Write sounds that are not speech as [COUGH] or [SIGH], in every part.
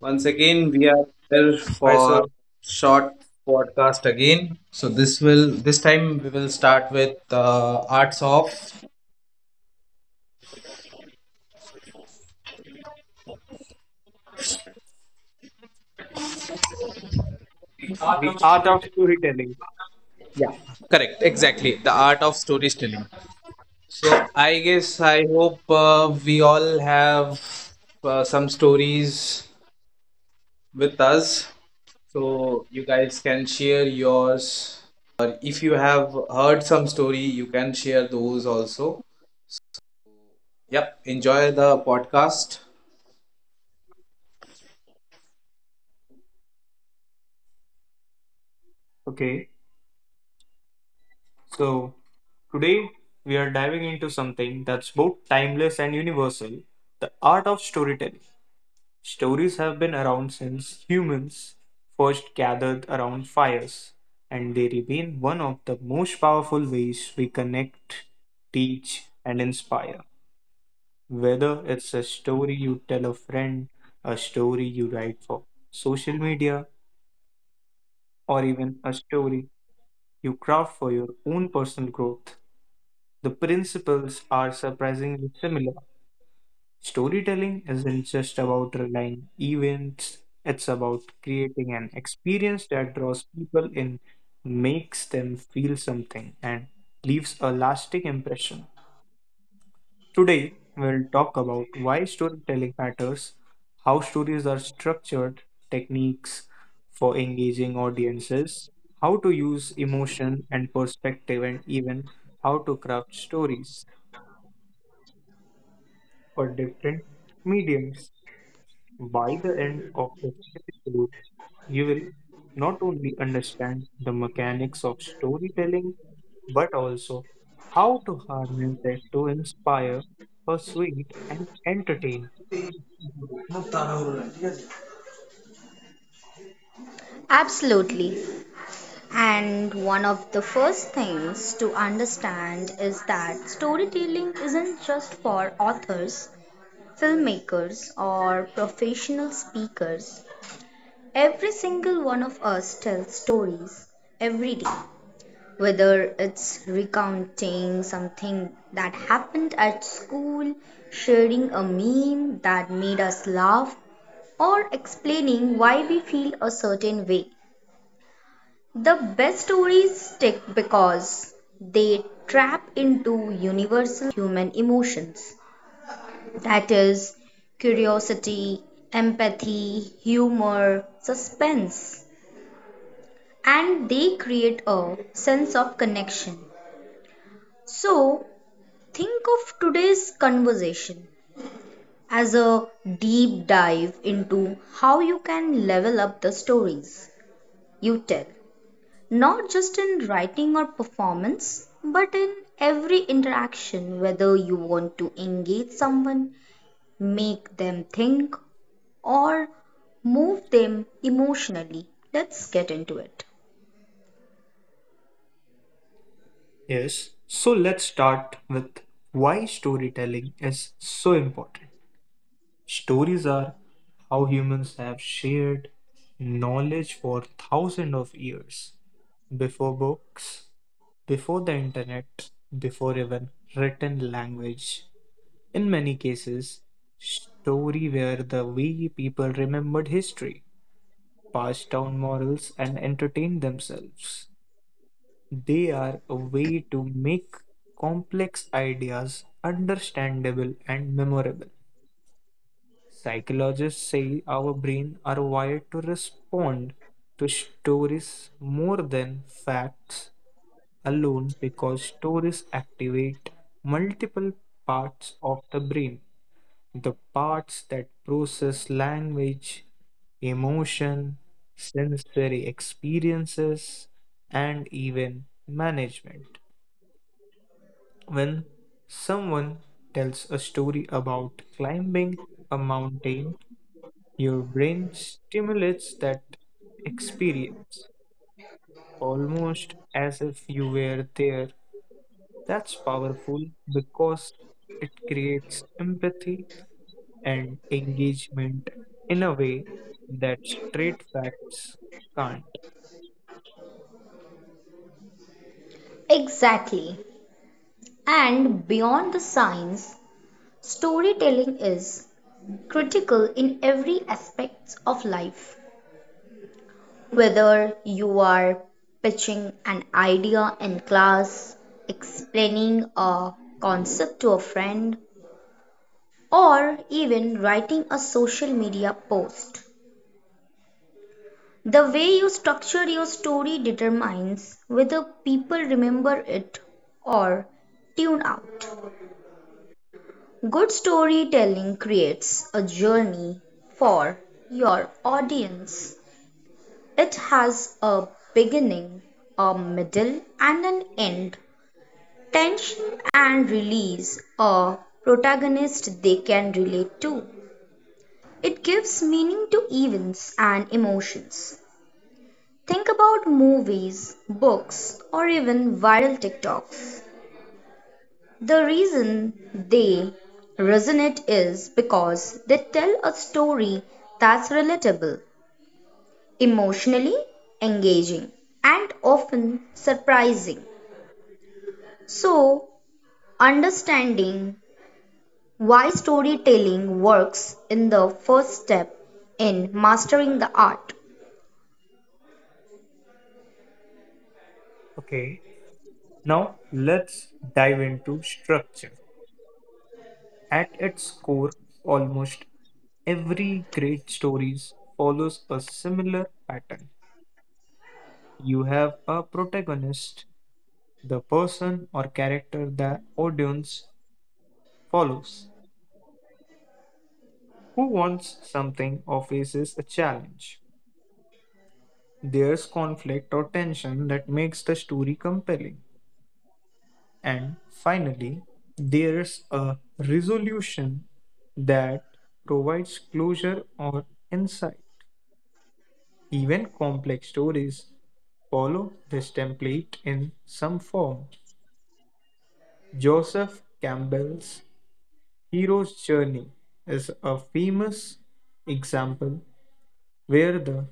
Once again, we are here Hi, for sir. short podcast again. So this time we will start with arts of, The art of storytelling. yeah, correct, exactly, the art of storytelling. So I guess I hope we all have some stories with us. So you guys can share yours, or if you have heard some story you can share those also. Yep. Enjoy the podcast. Okay, so today we are diving into something that's both timeless and universal, the art of storytelling. Stories have been around since humans first gathered around fires, and they remain one of the most powerful ways we connect, teach, and inspire. Whether it's a story you tell a friend, a story you write for social media, or even a story you craft for your own personal growth, the principles are surprisingly similar. Storytelling isn't just about relying events, it's about creating an experience that draws people in, makes them feel something, and leaves a lasting impression. Today, we'll talk about why storytelling matters, how stories are structured, techniques for engaging audiences, how to use emotion and perspective, and even how to craft stories for different mediums. By the end of this episode, you will not only understand the mechanics of storytelling, but also how to harness it to inspire, persuade, and entertain. No. Absolutely. And one of the first things to understand is that storytelling isn't just for authors, filmmakers, or professional speakers. Every single one of us tells stories every day, whether it's recounting something that happened at school, sharing a meme that made us laugh, or explaining why we feel a certain way. The best stories stick because they trap into universal human emotions, that is, curiosity, empathy, humor, suspense, and they create a sense of connection. So, think of today's conversation as a deep dive into how you can level up the stories you tell. Not just in writing or performance, but in every interaction, whether you want to engage someone, make them think, or move them emotionally. Let's get into it. Yes, so let's start with why storytelling is so important. Stories are how humans have shared knowledge for thousands of years before books, before the internet, before even written language. In many cases, story were the way people remembered history, passed down morals, and entertained themselves. They are a way to make complex ideas understandable and memorable. Psychologists say our brain are wired to respond to stories more than facts alone, because stories activate multiple parts of the brain, the parts that process language, emotion, sensory experiences, and even management. When someone tells a story about climbing a mountain, your brain stimulates that experience almost as if you were there. That's powerful because it creates empathy and engagement in a way that straight facts can't. Exactly. And beyond the science, storytelling is critical in every aspect of life, whether you are pitching an idea in class, explaining a concept to a friend, or even writing a social media post. The way you structure your story determines whether people remember it or tune out. Good storytelling creates a journey for your audience. It has a beginning, a middle, and an end. Tension and release, a protagonist they can relate to. It gives meaning to events and emotions. Think about movies, books, or even viral TikToks. The reason they resonate is because they tell a story that's relatable, emotionally engaging, and often surprising. So, understanding why storytelling works is the first step in mastering the art. Okay, now let's dive into structure. At its core, almost every great stories follows a similar pattern. You have a protagonist, the person or character the audience follows, who wants something or faces a challenge. There's conflict or tension that makes the story compelling. And finally, there's a resolution that provides closure or insight. Even complex stories follow this template in some form. Joseph Campbell's Hero's Journey is a famous example where the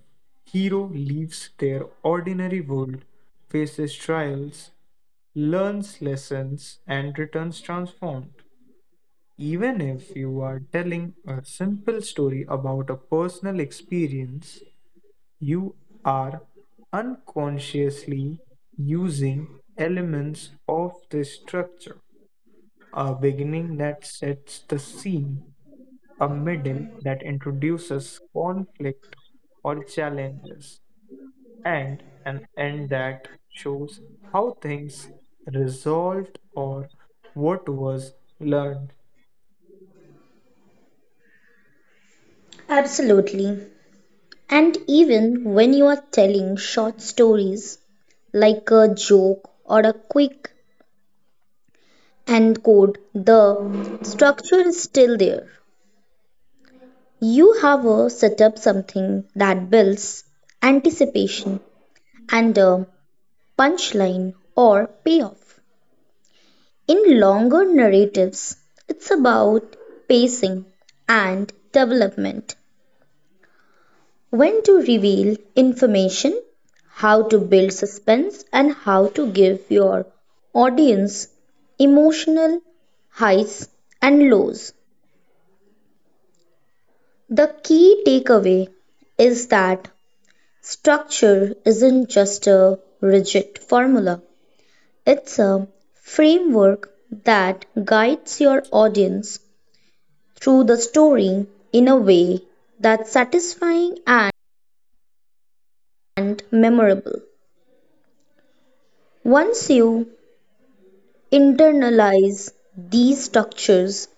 hero leaves their ordinary world, faces trials, learns lessons, and returns transformed. Even if you are telling a simple story about a personal experience, you are unconsciously using elements of the structure, a beginning that sets the scene, a middle that introduces conflict or challenges, and an end that shows how things resolved or what was learned. Absolutely. And even when you are telling short stories, like a joke or a quick end code, the structure is still there. You have a set up, something that builds anticipation, and a punchline or payoff. In longer narratives, it's about pacing and development: when to reveal information, how to build suspense, and how to give your audience emotional highs and lows. The key takeaway is that structure isn't just a rigid formula, it's a framework that guides your audience through the story in a way that's satisfying and memorable. Once you internalize these structures,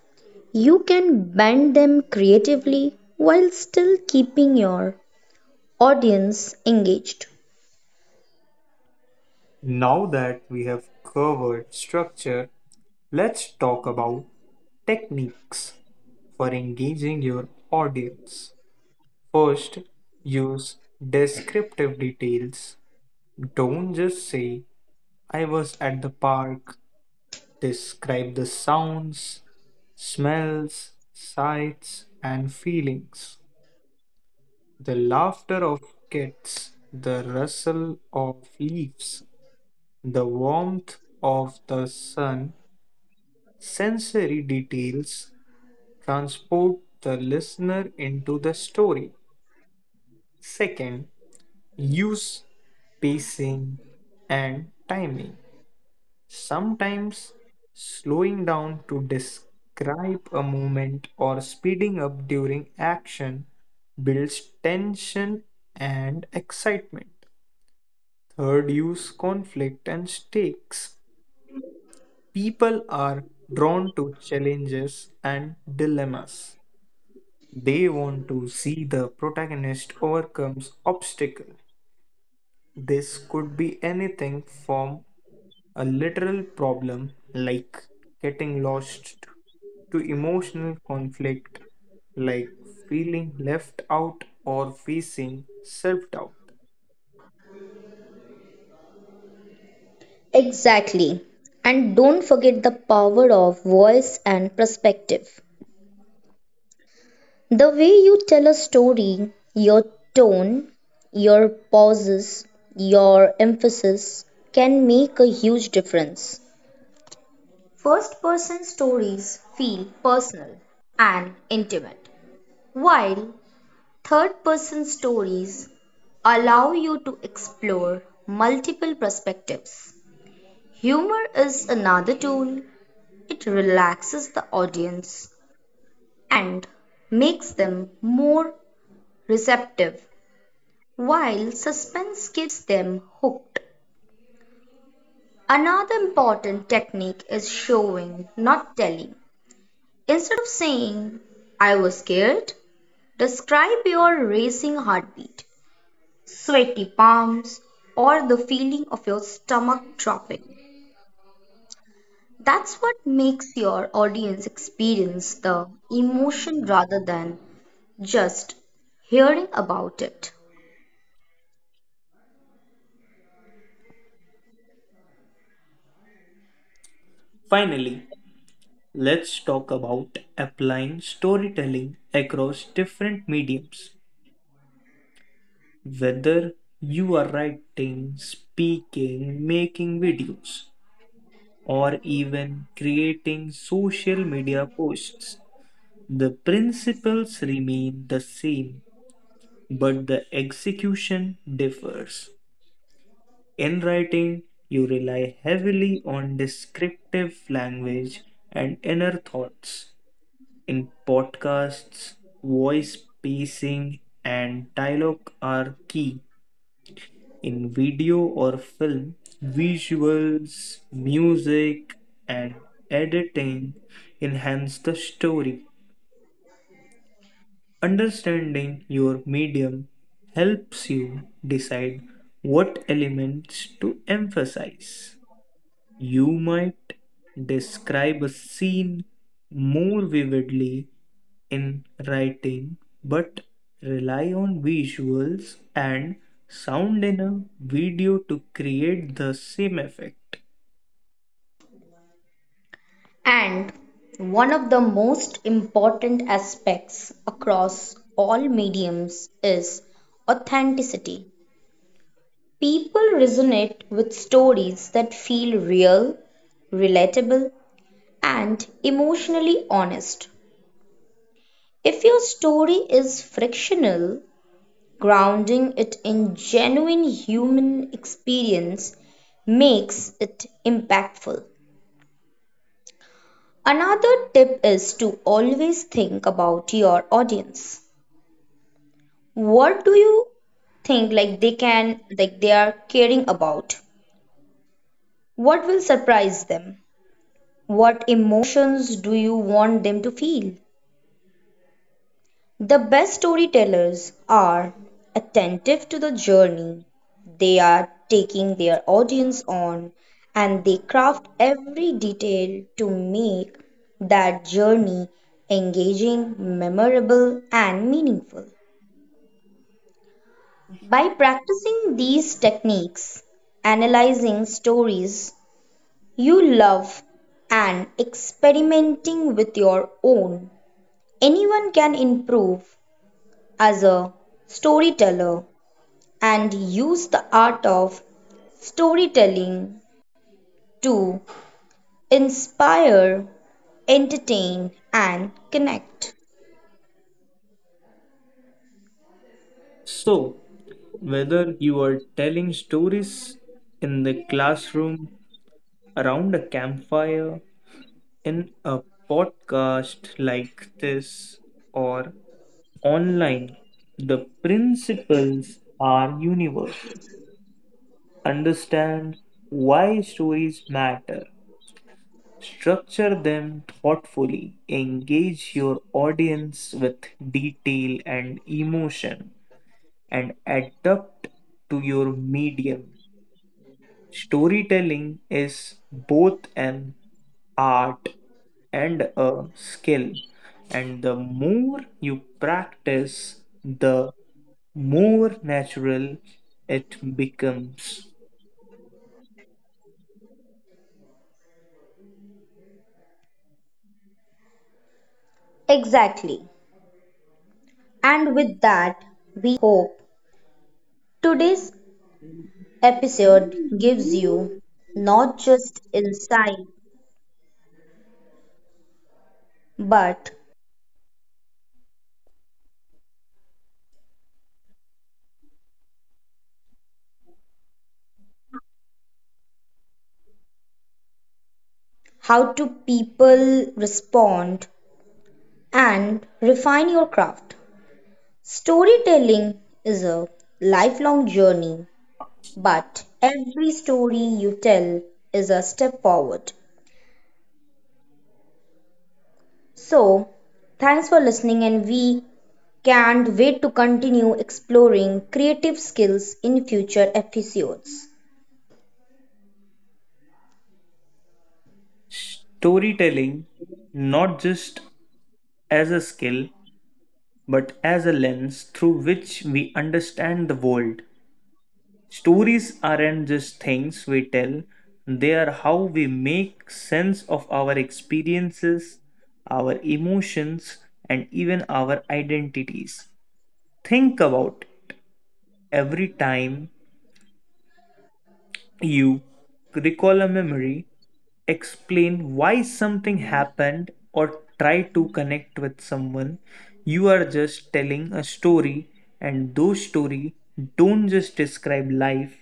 you can bend them creatively while still keeping your audience engaged. Now that we have covered structure, let's talk about techniques for engaging your audience. First, use descriptive details. Don't just say, I was at the park. Describe the sounds, smells, sights, and feelings. The laughter of kids, the rustle of leaves, the warmth of the sun, sensory details transport the listener into the story. Second, use pacing and timing. Sometimes slowing down to describe a moment or speeding up during action builds tension and excitement. Third, use conflict and stakes. People are drawn to challenges and dilemmas. They want to see the protagonist overcomes obstacle. This could be anything from a literal problem like getting lost to emotional conflict like feeling left out or facing self-doubt. Exactly. And don't forget the power of voice and perspective. The way you tell a story, your tone, your pauses, your emphasis, can make a huge difference. First person stories feel personal and intimate, while third person stories allow you to explore multiple perspectives. Humor is another tool. It relaxes the audience and makes them more receptive, while suspense keeps them hooked. Another important technique is showing, not telling. Instead of saying, "I was scared," describe your racing heartbeat, sweaty palms, or the feeling of your stomach dropping. That's what makes your audience experience the emotion rather than just hearing about it. Finally, let's talk about applying storytelling across different mediums. Whether you are writing, speaking, making videos, or even creating social media posts, the principles remain the same, but the execution differs. In writing, you rely heavily on descriptive language and inner thoughts. In podcasts, voice pacing and dialogue are key. In video or film, visuals, music, and editing enhance the story. Understanding your medium helps you decide what elements to emphasize. You might describe a scene more vividly in writing, but rely on visuals and sound in a video to create the same effect. And one of the most important aspects across all mediums is authenticity. People resonate with stories that feel real, relatable, and emotionally honest. If your story is frictional, grounding it in genuine human experience makes it impactful. Another tip is to always think about your audience. What do you think, like, they can, like, they are caring about? What will surprise them? What emotions do you want them to feel? The best storytellers are attentive to the journey they are taking their audience on, and they craft every detail to make that journey engaging, memorable, and meaningful. By practicing these techniques, analyzing stories you love, and experimenting with your own, anyone can improve as a storyteller and use the art of storytelling to inspire, entertain, and connect. So, whether you are telling stories in the classroom, around a campfire, in a podcast like this, or online, the principles are universal. Understand why stories matter, structure them thoughtfully, engage your audience with detail and emotion, and adapt to your medium. Storytelling is both an art and a skill, and the more you practice, the more natural it becomes. Exactly. And with that, we hope today's episode gives you not just insight but how do people respond and refine your craft. Storytelling is a lifelong journey, but every story you tell is a step forward. So thanks for listening, and we can't wait to continue exploring creative skills in future episodes. Storytelling, not just as a skill, but as a lens through which we understand the world. Stories aren't just things we tell, they are how we make sense of our experiences, our emotions, and even our identities. Think about every time you recall a memory, explain why something happened, or try to connect with someone. You are just telling a story, and those stories don't just describe life,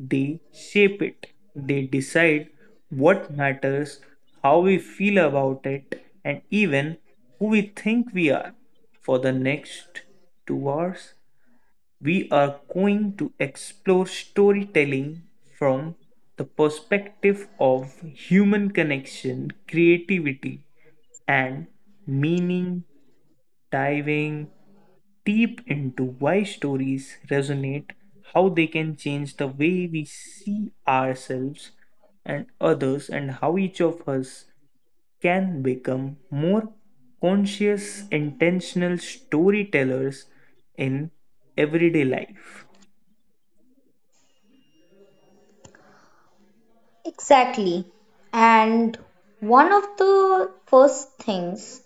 they shape it. They decide what matters, how we feel about it, and even who we think we are for the next 2 hours. We are going to explore storytelling from the perspective of human connection, creativity, and meaning, diving deep into why stories resonate, how they can change the way we see ourselves and others, and how each of us can become more conscious, intentional storytellers in everyday life. Exactly. And one of the first things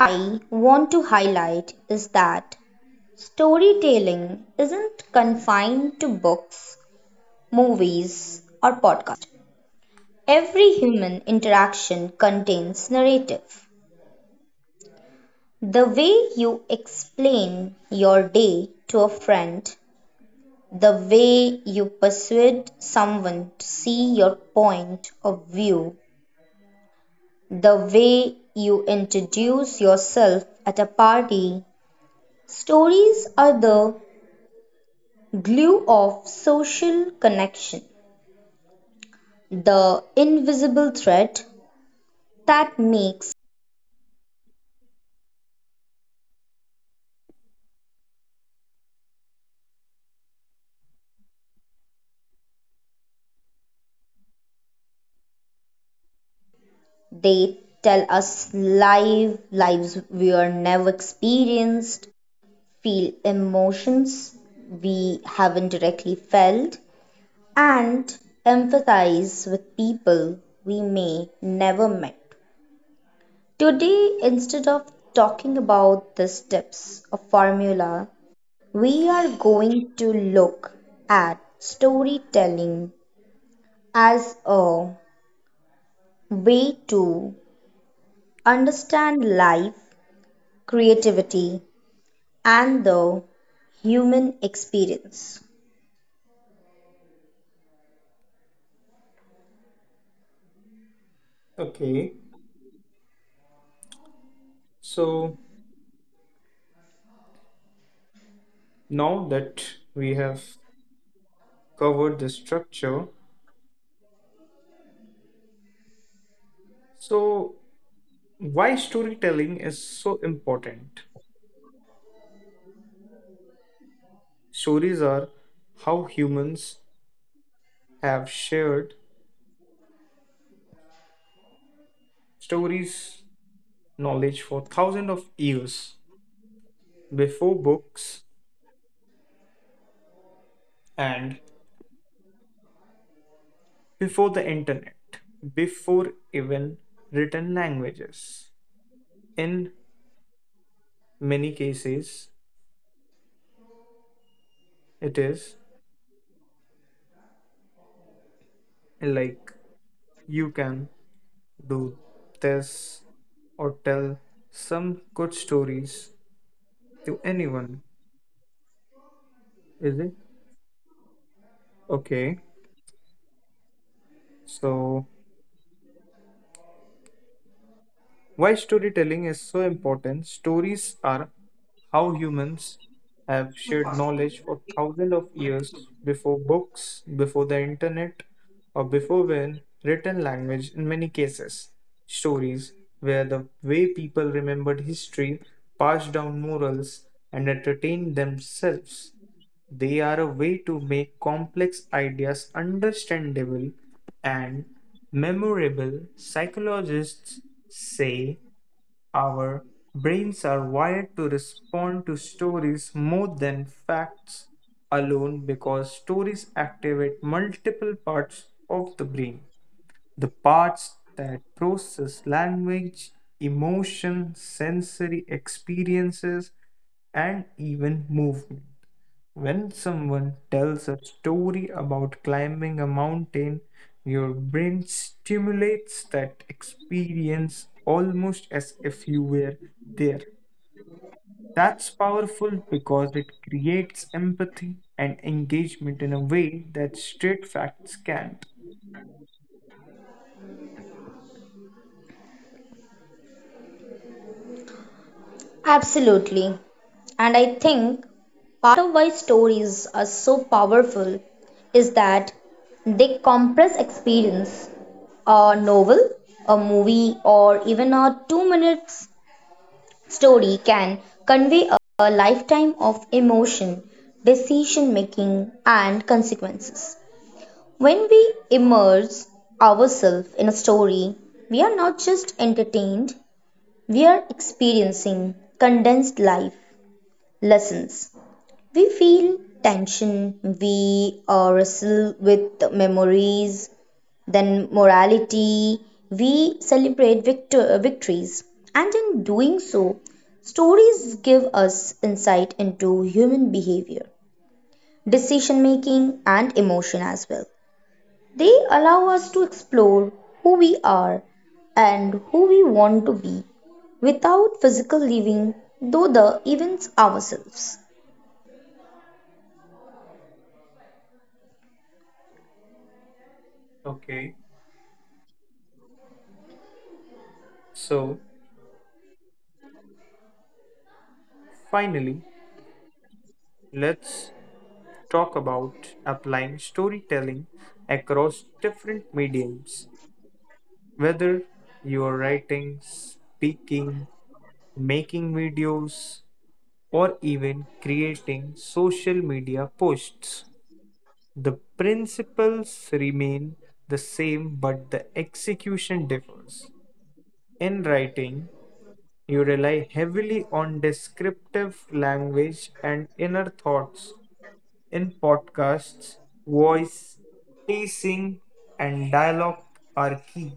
I want to highlight is that storytelling isn't confined to books, movies, or podcasts. Every human interaction contains narrative. The way you explain your day to a friend, the way you persuade someone to see your point of view, the way you introduce yourself at a party. Stories are the glue of social connection, the invisible threat that makes. They tell us live lives we are never experienced, feel emotions we haven't directly felt, and empathize with people we may never met. Today, instead of talking about the steps of formula, we are going to look at storytelling as a way to understand life, creativity, and the human experience. Okay, so now that we have covered the structure, so why storytelling is so important? Stories are how humans have shared stories, knowledge for thousands of years before books and before the internet, before even written languages. In many cases, it is like you can do this or tell some good stories to anyone. Is it? Okay. So, why storytelling is so important? Stories are how humans have shared knowledge for thousands of years before books, before the internet, or before when written language in many cases. Stories where the way people remembered history, passed down morals, and entertained themselves. They are a way to make complex ideas understandable and memorable. Psychologists say our brains are wired to respond to stories more than facts alone because stories activate multiple parts of the brain. The parts that process language, emotion, sensory experiences, and even movement. When someone tells a story about climbing a mountain, your brain stimulates that experience almost as if you were there. That's powerful because it creates empathy and engagement in a way that straight facts can't. Absolutely. And I think part of why stories are so powerful is that they compress experience. A novel, a movie, or even a 2 minutes story can convey a lifetime of emotion, decision making, and consequences. When we immerse ourselves in a story, we are not just entertained, we are experiencing condensed life lessons. We feel tension, we wrestle with memories, then morality, we celebrate victories. And in doing so, stories give us insight into human behavior, decision making, and emotion as well. They allow us to explore who we are and who we want to be without physical leaving, though the events ourselves, Okay, so finally, let's talk about applying storytelling across different mediums. Whether you're writing, speaking, making videos, or even creating social media posts, the principles remain the same but the execution differs. In writing, you rely heavily on descriptive language and inner thoughts. In podcasts, voice, pacing, and dialogue are key.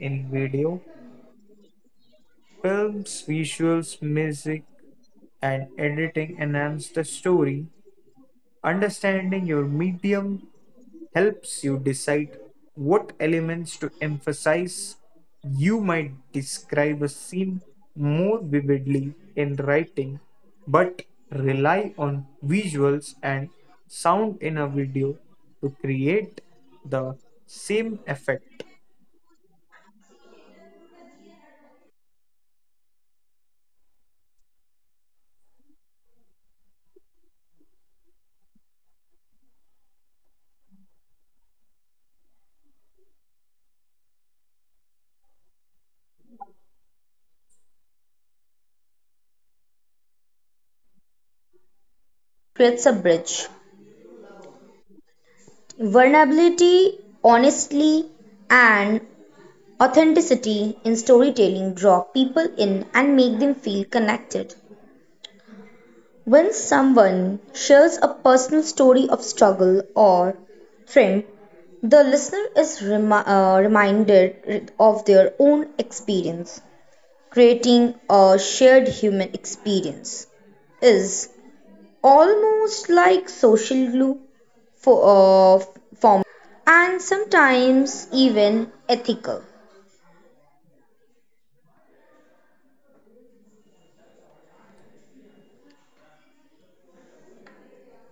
In video, films, visuals, music, and editing enhance the story. Understanding your medium helps you decide what elements to emphasize. You might describe a scene more vividly in writing, but rely on visuals and sound in a video to create the same effect. creates a bridge. Vulnerability, honesty, and authenticity in storytelling draw people in and make them feel connected. When someone shares a personal story of struggle or triumph, the listener is reminded of their own experience, creating a shared human experience. Is almost like social glue for and sometimes even ethical.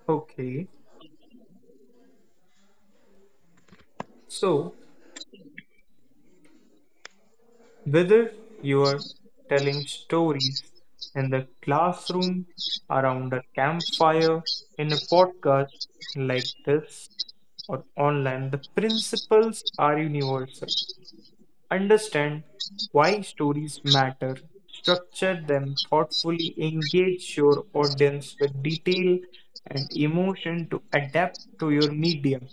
Okay, so whether you are telling stories in the classroom, around a campfire, in a podcast like this, or online, the principles are universal. Understand why stories matter, structure them thoughtfully, engage your audience with detail and emotion to adapt to your medium.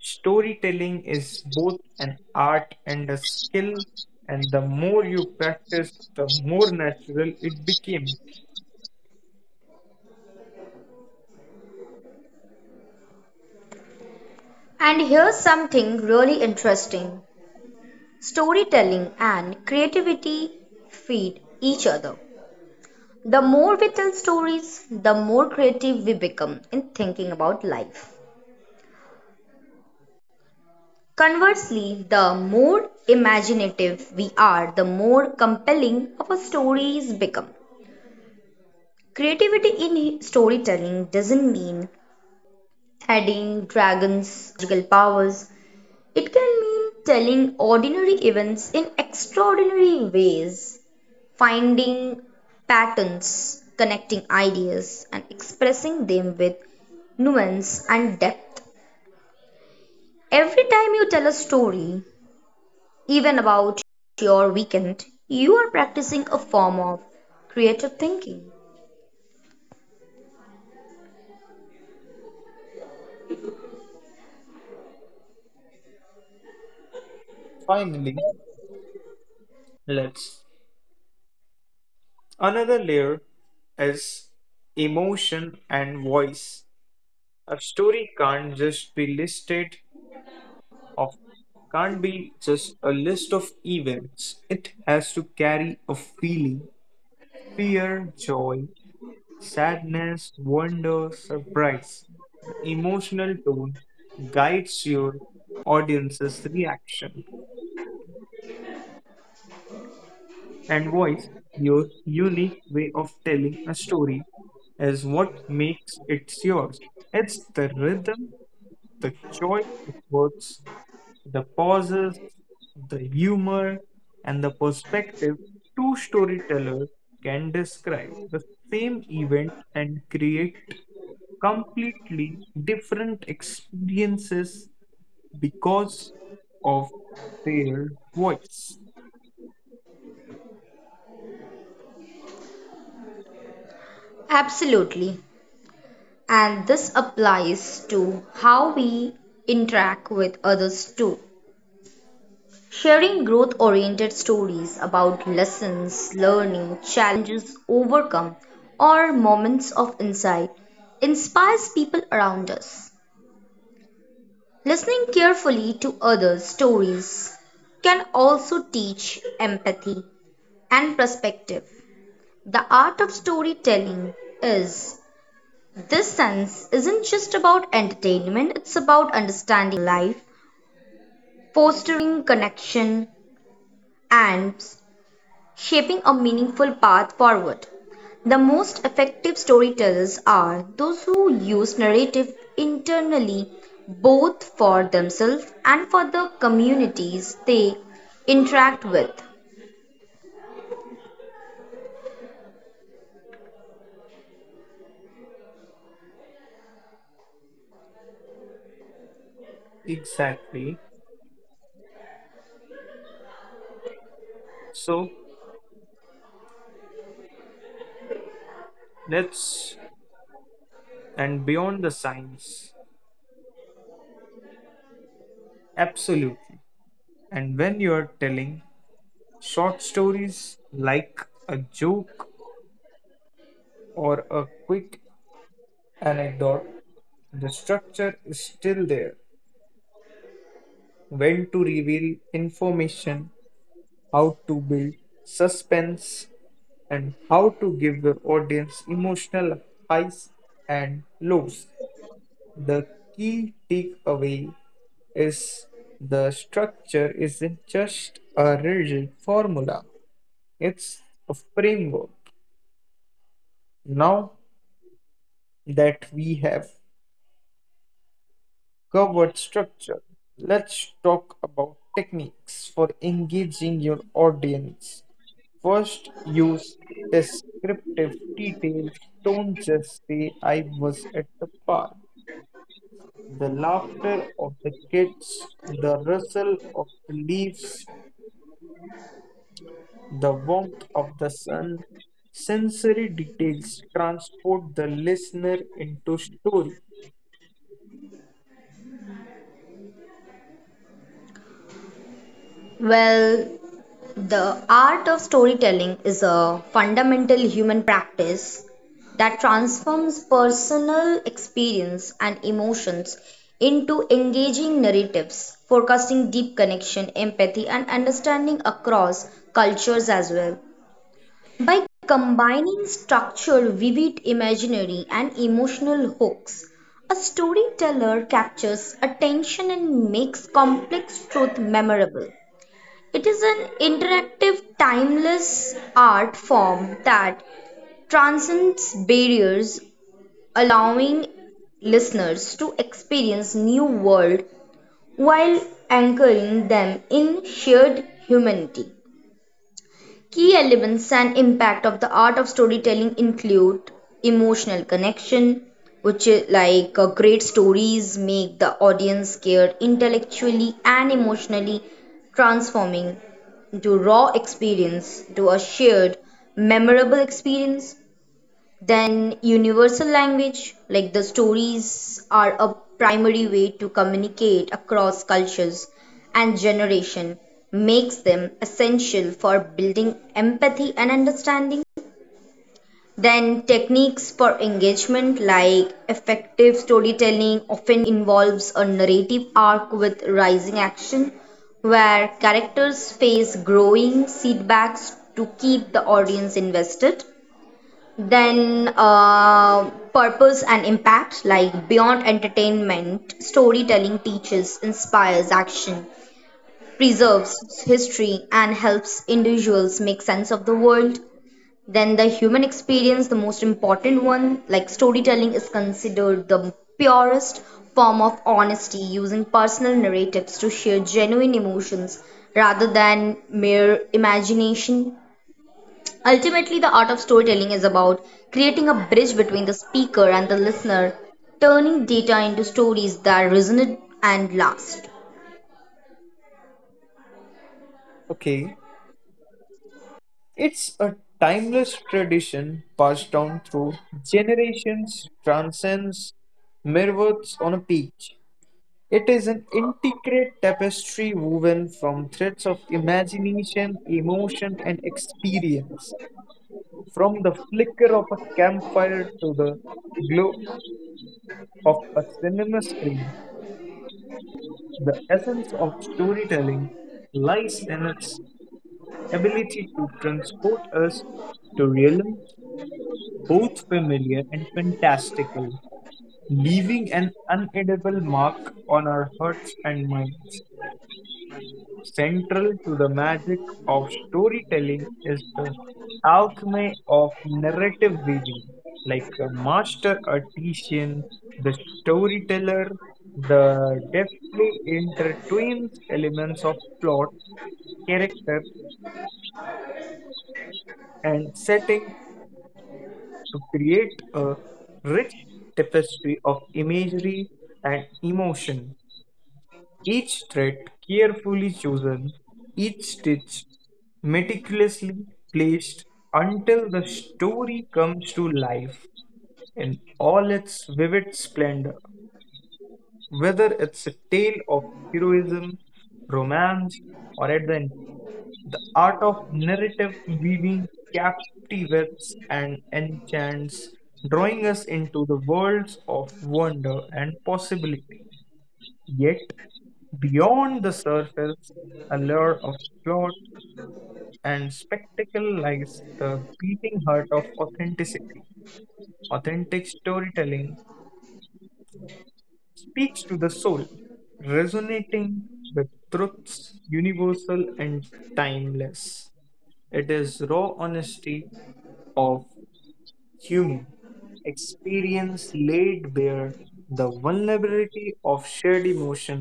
Storytelling is both an art and a skill, and the more you practice, the more natural it became. And here's something really interesting: storytelling and creativity feed each other. The more we tell stories, the more creative we become in thinking about life. Conversely, the more imaginative we are, the more compelling our stories become. Creativity in storytelling doesn't mean adding dragons or magical powers, it can mean telling ordinary events in extraordinary ways, finding patterns, connecting ideas, and expressing them with nuance and depth. Every time you tell a story, even about your weekend, you are practicing a form of creative thinking. Finally, let's. Another layer is emotion and voice. A story can't just be listed of can't be just a list of events. It has to carry a feeling, fear, joy, sadness, wonder, surprise. The emotional tone guides your audience's reaction and voice. Your unique way of telling a story is what makes it yours. It's the rhythm, the choice of words, the pauses, the humor, and the perspective. Two storytellers can describe the same event and create completely different experiences because of their voice. Absolutely. And this applies to how we interact with others too. Sharing growth oriented stories about lessons, learning, challenges overcome, or moments of insight inspires people around us. Listening carefully to others' stories can also teach empathy and perspective. The art of storytelling is this sense isn't just about entertainment, it's about understanding life, fostering connection, and shaping a meaningful path forward. The most effective storytellers are those who use narrative internally, both for themselves and for the communities they interact with. Exactly. So let's and beyond the science. Absolutely. And when you're telling short stories like a joke or a quick anecdote, the structure is still there. When to reveal information, how to build suspense, and how to give your audience emotional highs and lows. The key takeaway is the structure isn't just a rigid formula, it's a framework. Now that we have covered structure, let's talk about techniques for engaging your audience. First, use descriptive details. Don't just say, I was at the park. The laughter of the kids, the rustle of the leaves, the warmth of the sun, sensory details transport the listener into story. Well, the art of storytelling is a fundamental human practice that transforms personal experience and emotions into engaging narratives, forecasting deep connection, empathy, and understanding across cultures as well. By combining structure, vivid imaginary, and emotional hooks, a storyteller captures attention and makes complex truth memorable. It is an interactive, timeless art form that transcends barriers, allowing listeners to experience new world while anchoring them in shared humanity. Key elements and impact of the art of storytelling include emotional connection, which is like, great stories make the audience scared intellectually and emotionally, transforming to raw experience to a shared memorable experience. Then, universal language, like the stories, are a primary way to communicate across cultures and generation, makes them essential for building empathy and understanding. Then, techniques for engagement, like effective storytelling, often involves a narrative arc with rising action, where characters face growing setbacks to keep the audience invested. Then purpose and impact, like beyond entertainment, storytelling teaches, inspires action, preserves history, and helps individuals make sense of the world. Then the human experience, the most important one, like storytelling is considered the purest form of honesty, using personal narratives to share genuine emotions rather than mere imagination. Ultimately, the art of storytelling is about creating a bridge between the speaker and the listener, turning data into stories that resonate and last. Okay, it's a timeless tradition passed down through generations, transcends mere words on a page. It is an intricate tapestry woven from threads of imagination, emotion, and experience. From the flicker of a campfire to the glow of a cinema screen, the essence of storytelling lies in its ability to transport us to realms both familiar and fantastical, leaving an unedible mark on our hearts and minds. Central to the magic of storytelling is the alchemy of narrative weaving. Like a master artisan, the storyteller, the deftly intertwines elements of plot, character, and setting to create a rich tapestry of imagery and emotion. Each thread carefully chosen, each stitch meticulously placed until the story comes to life in all its vivid splendor. Whether it's a tale of heroism, romance, or adventure, the art of narrative weaving captivates and enchants, drawing us into the worlds of wonder and possibility. Yet, beyond the surface allure of plot and spectacle lies the beating heart of authenticity. Authentic storytelling speaks to the soul, resonating with truths universal and timeless. It is raw honesty of human experience laid bare, the vulnerability of shared emotion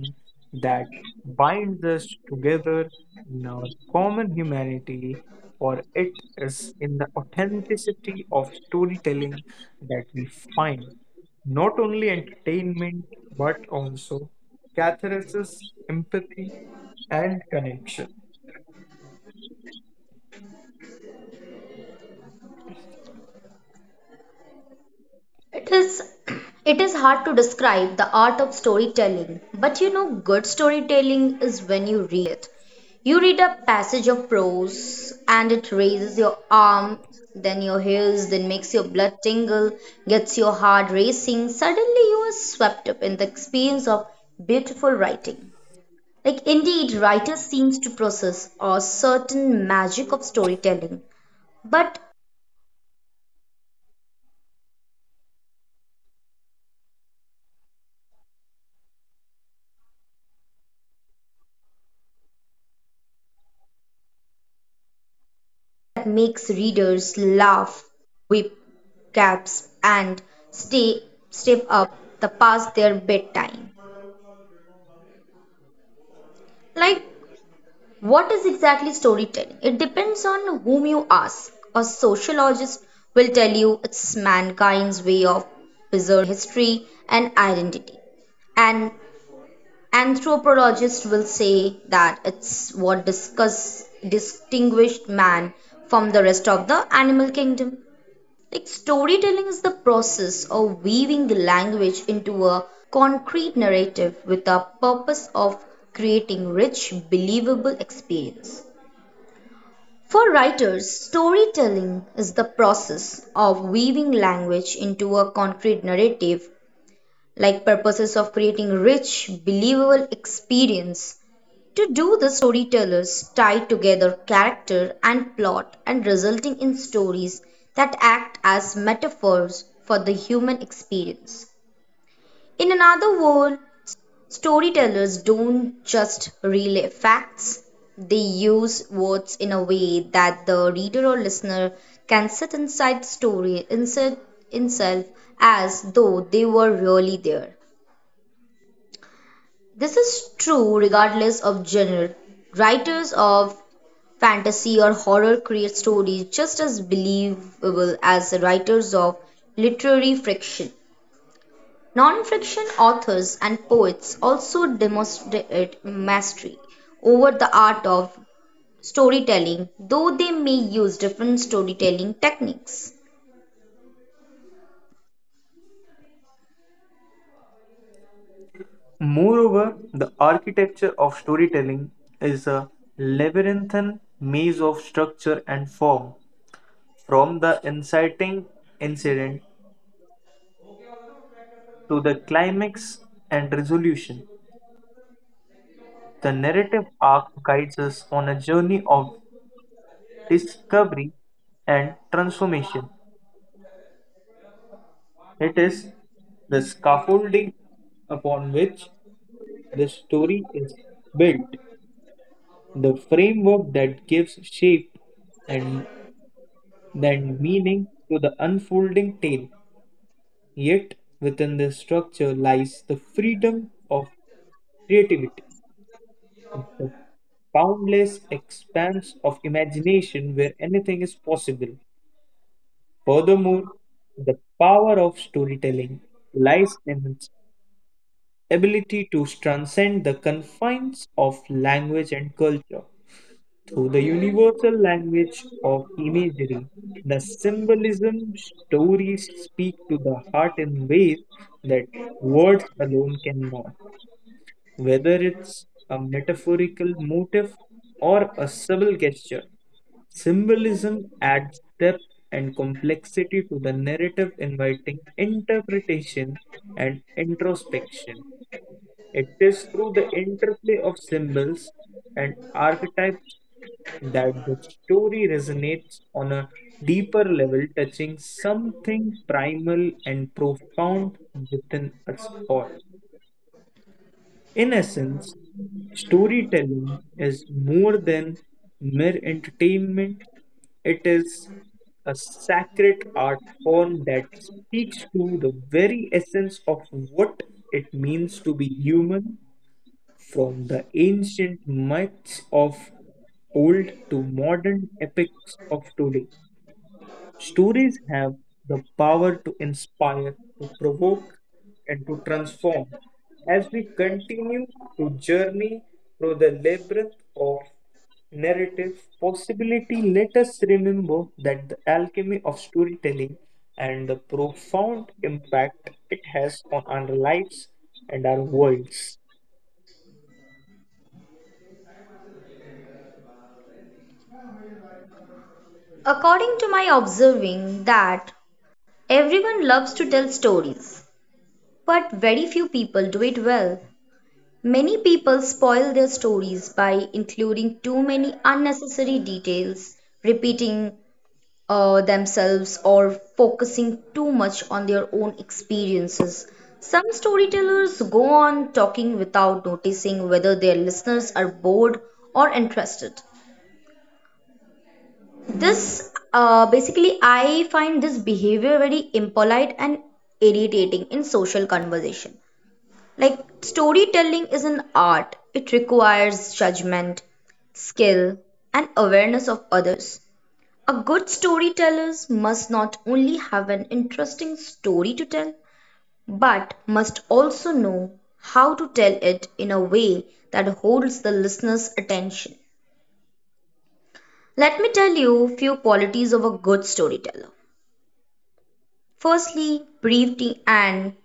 that binds us together in our common humanity, for it is in the authenticity of storytelling that we find not only entertainment but also catharsis, empathy, and connection. It is [CLEARS THROAT] it is hard to describe the art of storytelling, but you know good storytelling is when you read it. You read a passage of prose and it raises your arm, then your hairs, then makes your blood tingle, gets your heart racing. Suddenly you are swept up in the experience of beautiful writing. Like indeed, writers seems to possess a certain magic of storytelling. But that makes readers laugh, whip caps, and stay step up the past their bedtime. Like, what is exactly storytelling? It depends on whom you ask. A sociologist will tell you it's mankind's way of preserving history and identity. An anthropologist will say that it's what distinguished man from the rest of the animal kingdom. Like storytelling is the process of weaving the language into a concrete narrative with a purpose of creating rich, believable experience. For writers, storytelling is the process of weaving language into a concrete narrative like purposes of creating rich, believable experience. To do this, storytellers tie together character and plot and resulting in stories that act as metaphors for the human experience. In another word, storytellers don't just relay facts, they use words in a way that the reader or listener can sit inside the story insert himself as though they were really there. This is true regardless of genre. Writers of fantasy or horror create stories just as believable as the writers of literary fiction. Non-fiction authors and poets also demonstrate mastery over the art of storytelling, though they may use different storytelling techniques. Moreover, the architecture of storytelling is a labyrinthine maze of structure and form. From the inciting incident to the climax and resolution, the narrative arc guides us on a journey of discovery and transformation. It is the scaffolding upon which the story is built, the framework that gives shape and lend meaning to the unfolding tale. Yet, within this structure lies the freedom of creativity, the boundless expanse of imagination where anything is possible. Furthermore, the power of storytelling lies in its ability to transcend the confines of language and culture. Through the universal language of imagery, the symbolism, stories speak to the heart in ways that words alone cannot. Whether it's a metaphorical motif or a subtle gesture, symbolism adds depth and complexity to the narrative, inviting interpretation and introspection. It is through the interplay of symbols and archetypes that the story resonates on a deeper level, touching something primal and profound within us all. In essence, storytelling is more than mere entertainment. It is a sacred art form that speaks to the very essence of what it means to be human. From the ancient myths of old to modern epics of today, stories have the power to inspire, to provoke, and to transform. As we continue to journey through the labyrinth of narrative possibility, let us remember that the alchemy of storytelling and the profound impact it has on our lives and our worlds. According to my observing that everyone loves to tell stories, but very few people do it well. Many people spoil their stories by including too many unnecessary details, repeating themselves, or focusing too much on their own experiences. Some storytellers go on talking without noticing whether their listeners are bored or interested. I find this behavior very impolite and irritating in social conversation. Like, storytelling is an art, it requires judgment, skill, and awareness of others. A good storyteller must not only have an interesting story to tell, but must also know how to tell it in a way that holds the listener's attention. Let me tell you few qualities of a good storyteller. Firstly, brevity and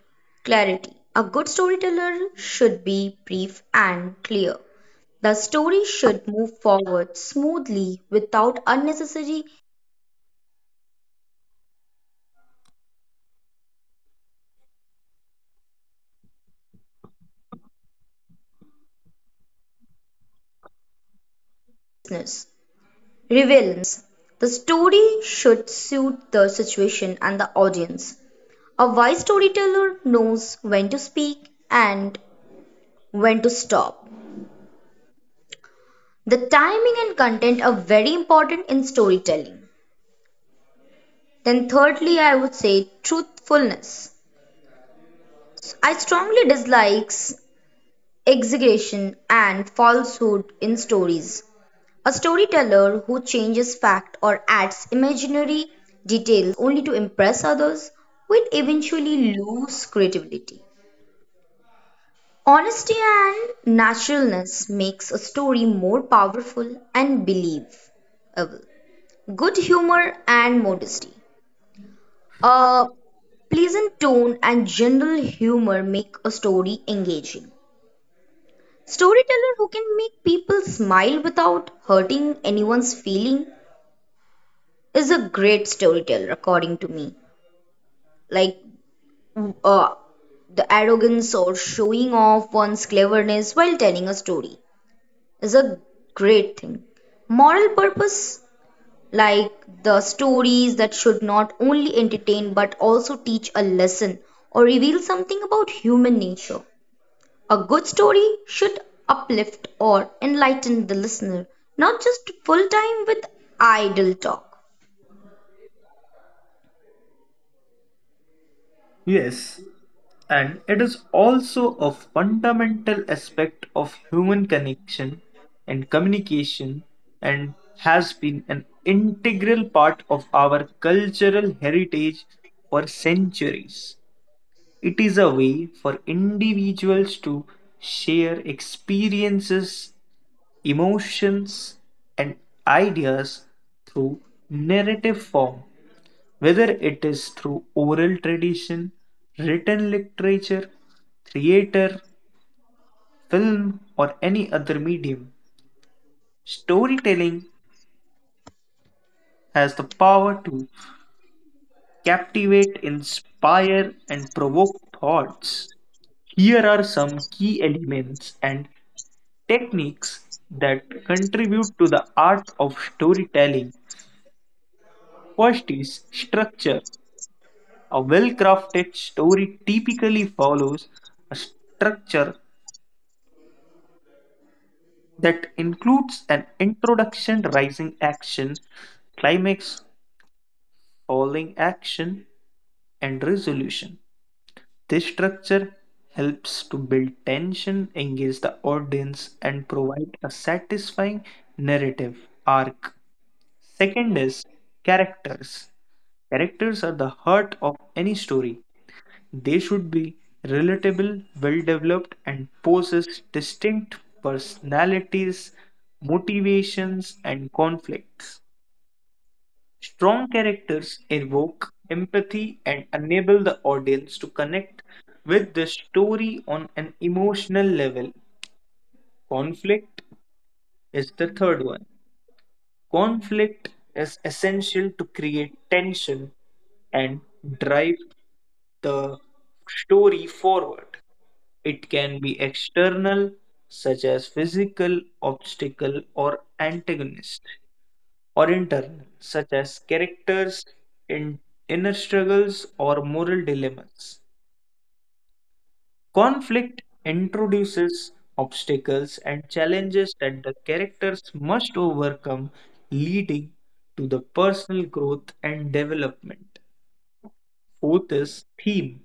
clarity. A good storyteller should be brief and clear. The story should move forward smoothly without unnecessary business, relevance. The story should suit the situation and the audience. A wise storyteller knows when to speak and when to stop. The timing and content are very important in storytelling. Then thirdly, I would say truthfulness. I strongly dislikes exaggeration and falsehood in stories. A storyteller who changes fact or adds imaginary details only to impress others will eventually lose credibility. Honesty and naturalness makes a story more powerful and believable. Good humor and modesty. A pleasant tone and general humor make a story engaging. Storyteller who can make people smile without hurting anyone's feeling is a great storyteller, according to me. Like, uh, the arrogance or showing off one's cleverness while telling a story is a great thing. Moral purpose, like the stories that should not only entertain but also teach a lesson or reveal something about human nature. A good story should uplift or enlighten the listener, not just full time with idle talk. Yes, and it is also a fundamental aspect of human connection and communication, and has been an integral part of our cultural heritage for centuries. It is a way for individuals to share experiences, emotions, and ideas through narrative form. Whether it is through oral tradition, written literature, theater, film, or any other medium, storytelling has the power to captivate, inspire, and provoke thoughts. Here are some key elements and techniques that contribute to the art of storytelling. First is structure. A well crafted story typically follows a structure that includes an introduction, rising action, climax, falling action, and resolution. This structure helps to build tension, engage the audience, and provide a satisfying narrative arc. Second is characters. Characters are the heart of any story. They should be relatable, well developed, and possess distinct personalities, motivations, and conflicts. Strong characters evoke empathy and enable the audience to connect with the story on an emotional level. Conflict is the third one. Conflict is essential to create tension and drive the story forward. It can be external, such as physical, obstacle, or antagonist, or internal, such as characters, in, inner struggles, or moral dilemmas. Conflict introduces obstacles and challenges that the characters must overcome, leading to the personal growth and development. Fourth is theme.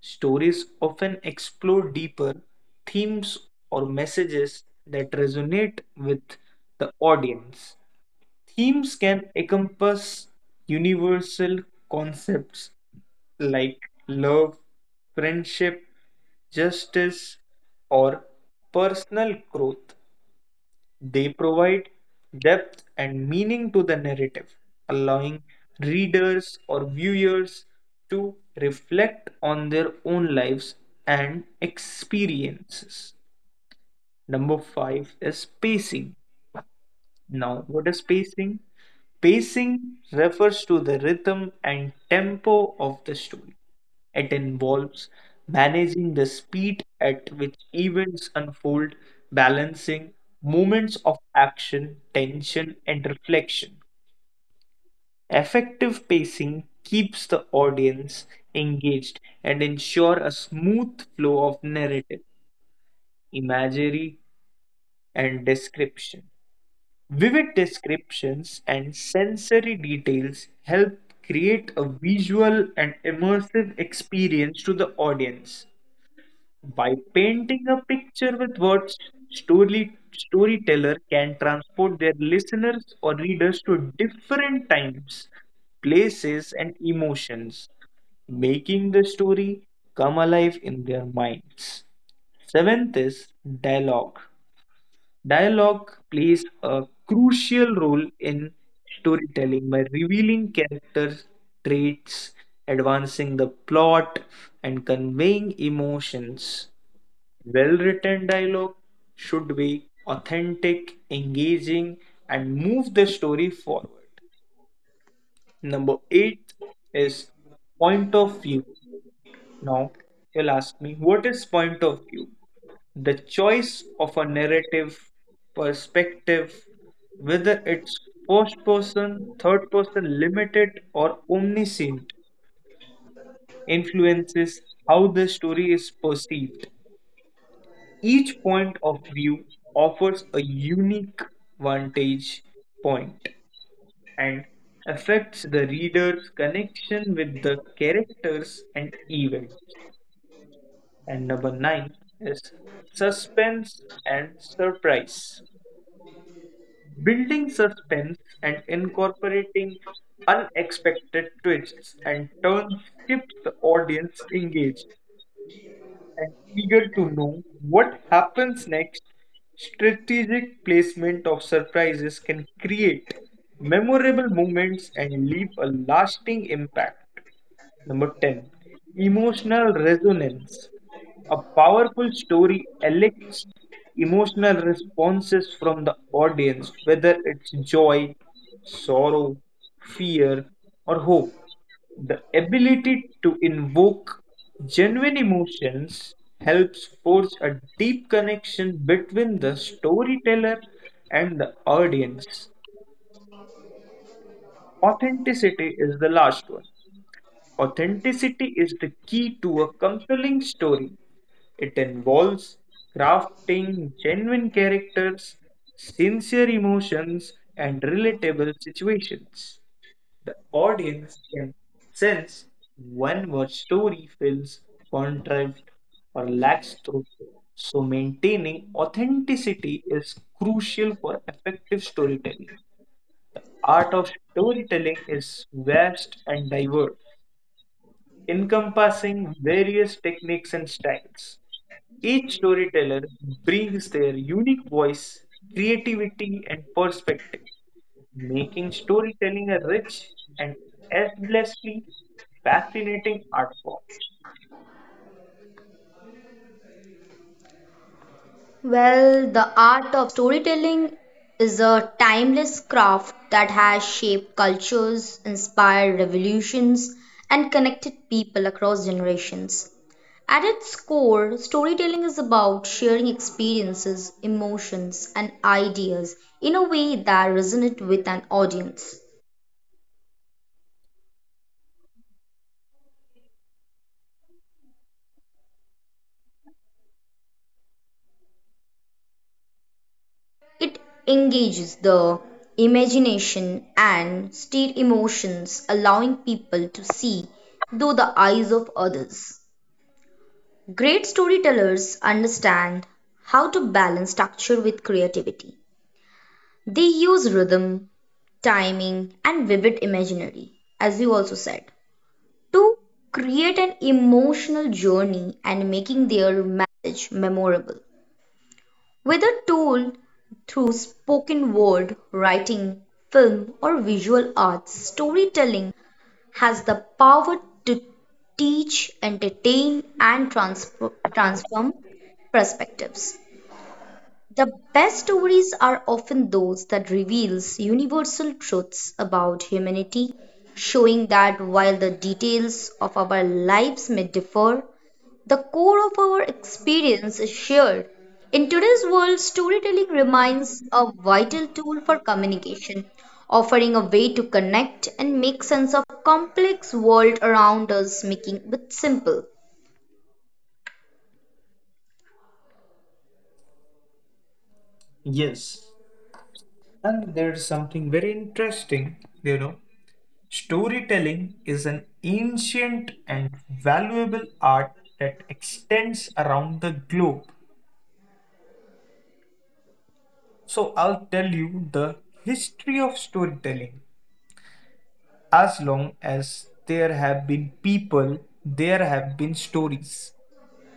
Stories often explore deeper themes or messages that resonate with the audience. Themes can encompass universal concepts like love, friendship, justice, or personal growth. They provide depth and meaning to the narrative, allowing readers or viewers to reflect on their own lives and experiences. Number five is pacing. Now, what is pacing? Pacing refers to the rhythm and tempo of the story. It involves managing the speed at which events unfold, balancing moments of action, tension, and reflection. Effective pacing keeps the audience engaged and ensure a smooth flow of narrative, imagery, and description. Vivid descriptions and sensory details help create a visual and immersive experience to the audience. By painting a picture with words, storyteller can transport their listeners or readers to different times, places, and emotions, making the story come alive in their minds. Seventh is dialogue. Dialogue plays a crucial role in storytelling by revealing character traits, advancing the plot, and conveying emotions. Well written dialogue should be authentic, engaging, and move the story forward. Number eight is point of view. Now, you'll ask me, what is point of view? The choice of a narrative perspective, whether it's first person, third person, limited, or omniscient, influences how the story is perceived. Each point of view offers a unique vantage point and affects the reader's connection with the characters and events. And number nine is suspense and surprise. Building suspense and incorporating unexpected twists and turns keeps the audience engaged and eager to know what happens next. Strategic placement of surprises can create memorable moments and leave a lasting impact. Number 10. Emotional resonance. A powerful story elicits emotional responses from the audience, whether it's joy, sorrow, fear, or hope. The ability to invoke genuine emotions helps forge a deep connection between the storyteller and the audience. Authenticity is the last one. Authenticity is the key to a compelling story. It involves crafting genuine characters, sincere emotions, and relatable situations. The audience can sense when a story feels contrived or lacks truth. So, maintaining authenticity is crucial for effective storytelling. Art of storytelling is vast and diverse, encompassing various techniques and styles. Each storyteller brings their unique voice, creativity, and perspective, making storytelling a rich and endlessly fascinating art form. Well, the art of storytelling is a timeless craft that has shaped cultures, inspired revolutions, and connected people across generations. At its core, storytelling is about sharing experiences, emotions, and ideas in a way that resonate with an audience. It engages the imagination and stirred emotions, allowing people to see through the eyes of others. Great storytellers understand how to balance structure with creativity. They use rhythm, timing, and vivid imaginary, as you also said, to create an emotional journey and making their message memorable. Whether told through spoken word, writing, film, or visual arts, storytelling has the power to teach, entertain, and transform perspectives. The best stories are often those that reveals universal truths about humanity, showing that while the details of our lives may differ, the core of our experience is shared. In today's world, storytelling remains a vital tool for communication, offering a way to connect and make sense of complex world around us, making it simple. Yes, and there's something very interesting, you know. Storytelling is an ancient and valuable art that extends around the globe. So I'll tell you the history of storytelling. As long as there have been people, there have been stories.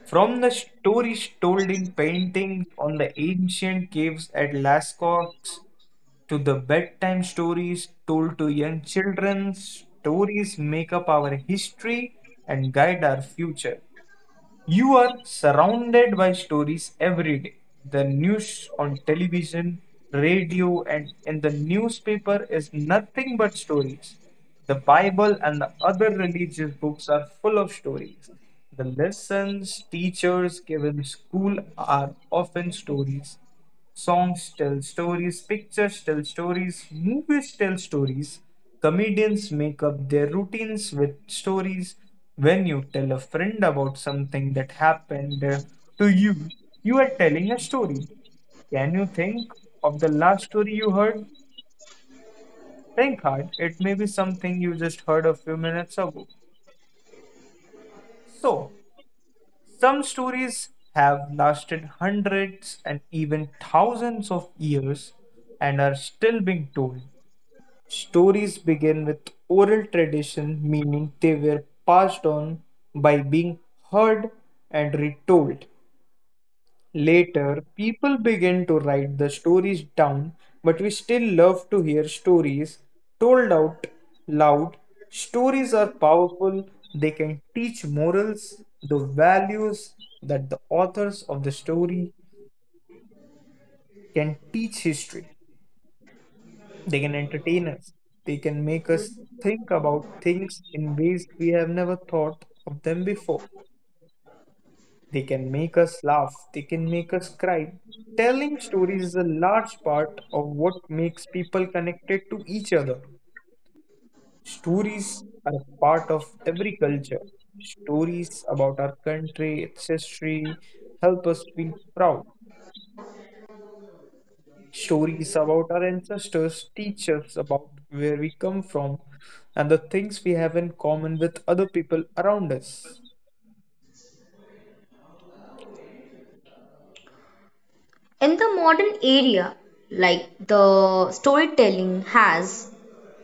From the stories told in paintings on the ancient caves at Lascaux to the bedtime stories told to young children, stories make up our history and guide our future. You are surrounded by stories every day. The news on television, radio, and in the newspaper is nothing but stories. The Bible and the other religious books are full of stories. The lessons teachers give in school are often stories. Songs tell stories, pictures tell stories, movies tell stories. Comedians make up their routines with stories. When you tell a friend about something that happened to you, you are telling a story. Can you think of the last story you heard? Think hard. It may be something you just heard a few minutes ago. So, some stories have lasted hundreds and even thousands of years and are still being told. Stories begin with oral tradition, meaning they were passed on by being heard and retold. Later, people begin to write the stories down, but we still love to hear stories told out loud. Stories are powerful. They can teach morals, the values that the authors of the story can teach history. They can entertain us. They can make us think about things in ways we have never thought of them before. They can make us laugh. They can make us cry. Telling stories is a large part of what makes people connected to each other. Stories are a part of every culture. Stories about our country, its history, help us feel proud. Stories about our ancestors teach us about where we come from and the things we have in common with other people around us. In the modern area, like the storytelling has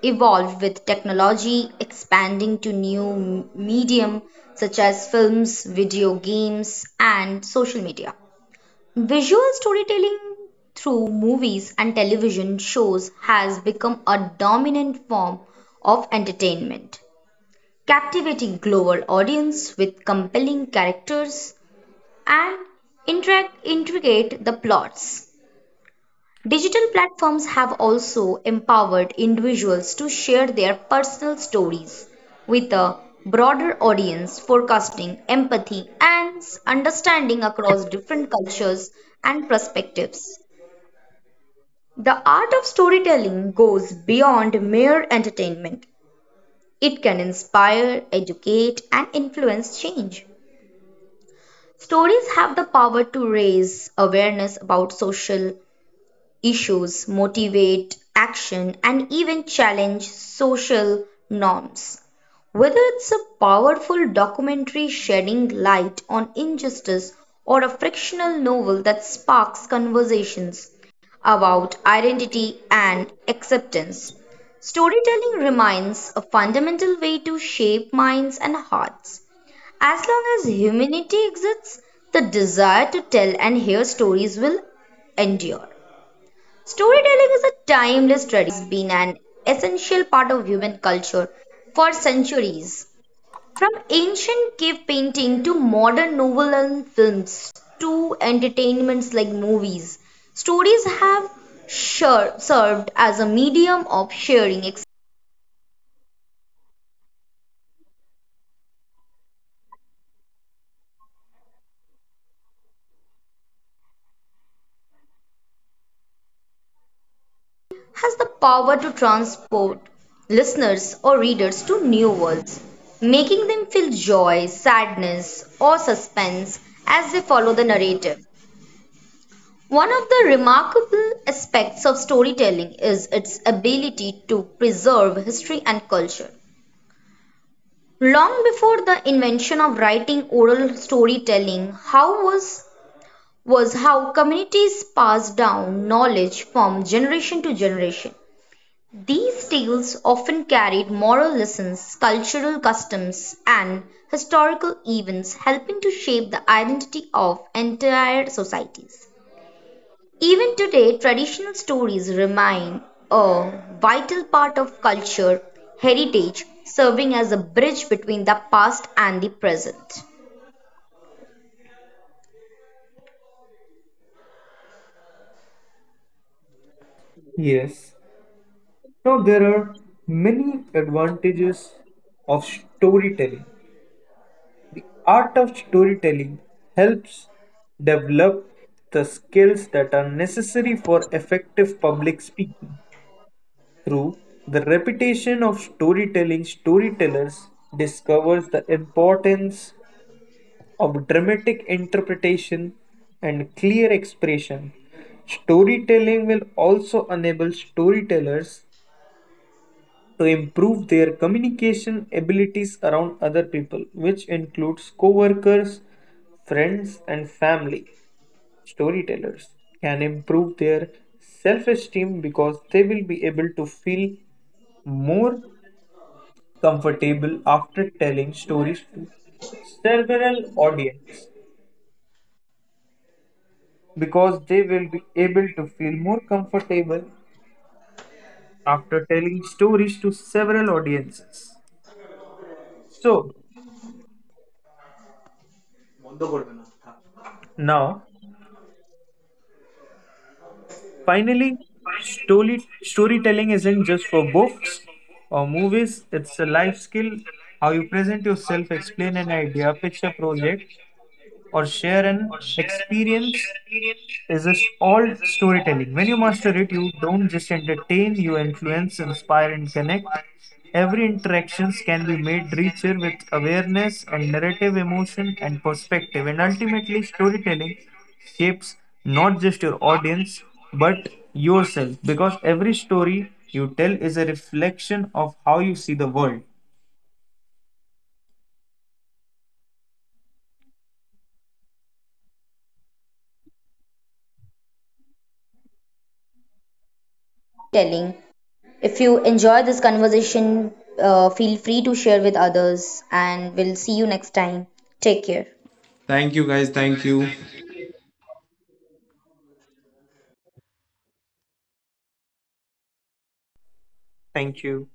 evolved with technology expanding to new medium such as films, video games and social media. Visual storytelling through movies and television shows has become a dominant form of entertainment, captivating global audience with compelling characters and interact intricate the plots. Digital platforms have also empowered individuals to share their personal stories with a broader audience, forecasting empathy and understanding across different cultures and perspectives. The art of storytelling goes beyond mere entertainment. It can inspire, educate, and influence change. Stories have the power to raise awareness about social issues, motivate action, and even challenge social norms. Whether it's a powerful documentary shedding light on injustice or a frictional novel that sparks conversations about identity and acceptance, storytelling remains a fundamental way to shape minds and hearts. As long as humanity exists, the desire to tell and hear stories will endure. Storytelling is a timeless tradition that has been an essential part of human culture for centuries. From ancient cave painting to modern novel and films to entertainments like movies, stories have served as a medium of sharing has the power to transport listeners or readers to new worlds, making them feel joy, sadness, or suspense as they follow the narrative. One of the remarkable aspects of storytelling is its ability to preserve history and culture. Long before the invention of writing oral storytelling, how was how communities passed down knowledge from generation to generation. These tales often carried moral lessons, cultural customs, and historical events, helping to shape the identity of entire societies. Even today, traditional stories remain a vital part of culture, heritage, serving as a bridge between the past and the present. Yes. Now, there are many advantages of storytelling. The art of storytelling helps develop the skills that are necessary for effective public speaking. Through the repetition of storytelling, storytellers discovers the importance of dramatic interpretation and clear expression. Storytelling will also enable storytellers to improve their communication abilities around other people, which includes coworkers, friends, and family. Storytellers can improve their self esteem because they will be able to feel more comfortable after telling stories to several audience because they will be able to feel more comfortable after telling stories to several audiences. So, now, finally, storytelling isn't just for books or movies, it's a life skill. How you present yourself, explain an idea, pitch a project, or share an experience is it all storytelling. When you master it, you don't just entertain, you influence, inspire, and connect. Every interactions can be made richer with awareness and narrative emotion and perspective. And ultimately, storytelling shapes not just your audience but yourself, because every story you tell is a reflection of how you see the world. Telling. If you enjoy this conversation, feel free to share with others, and we'll see you next time. Take care. Thank you, guys. Thank you. Thank you.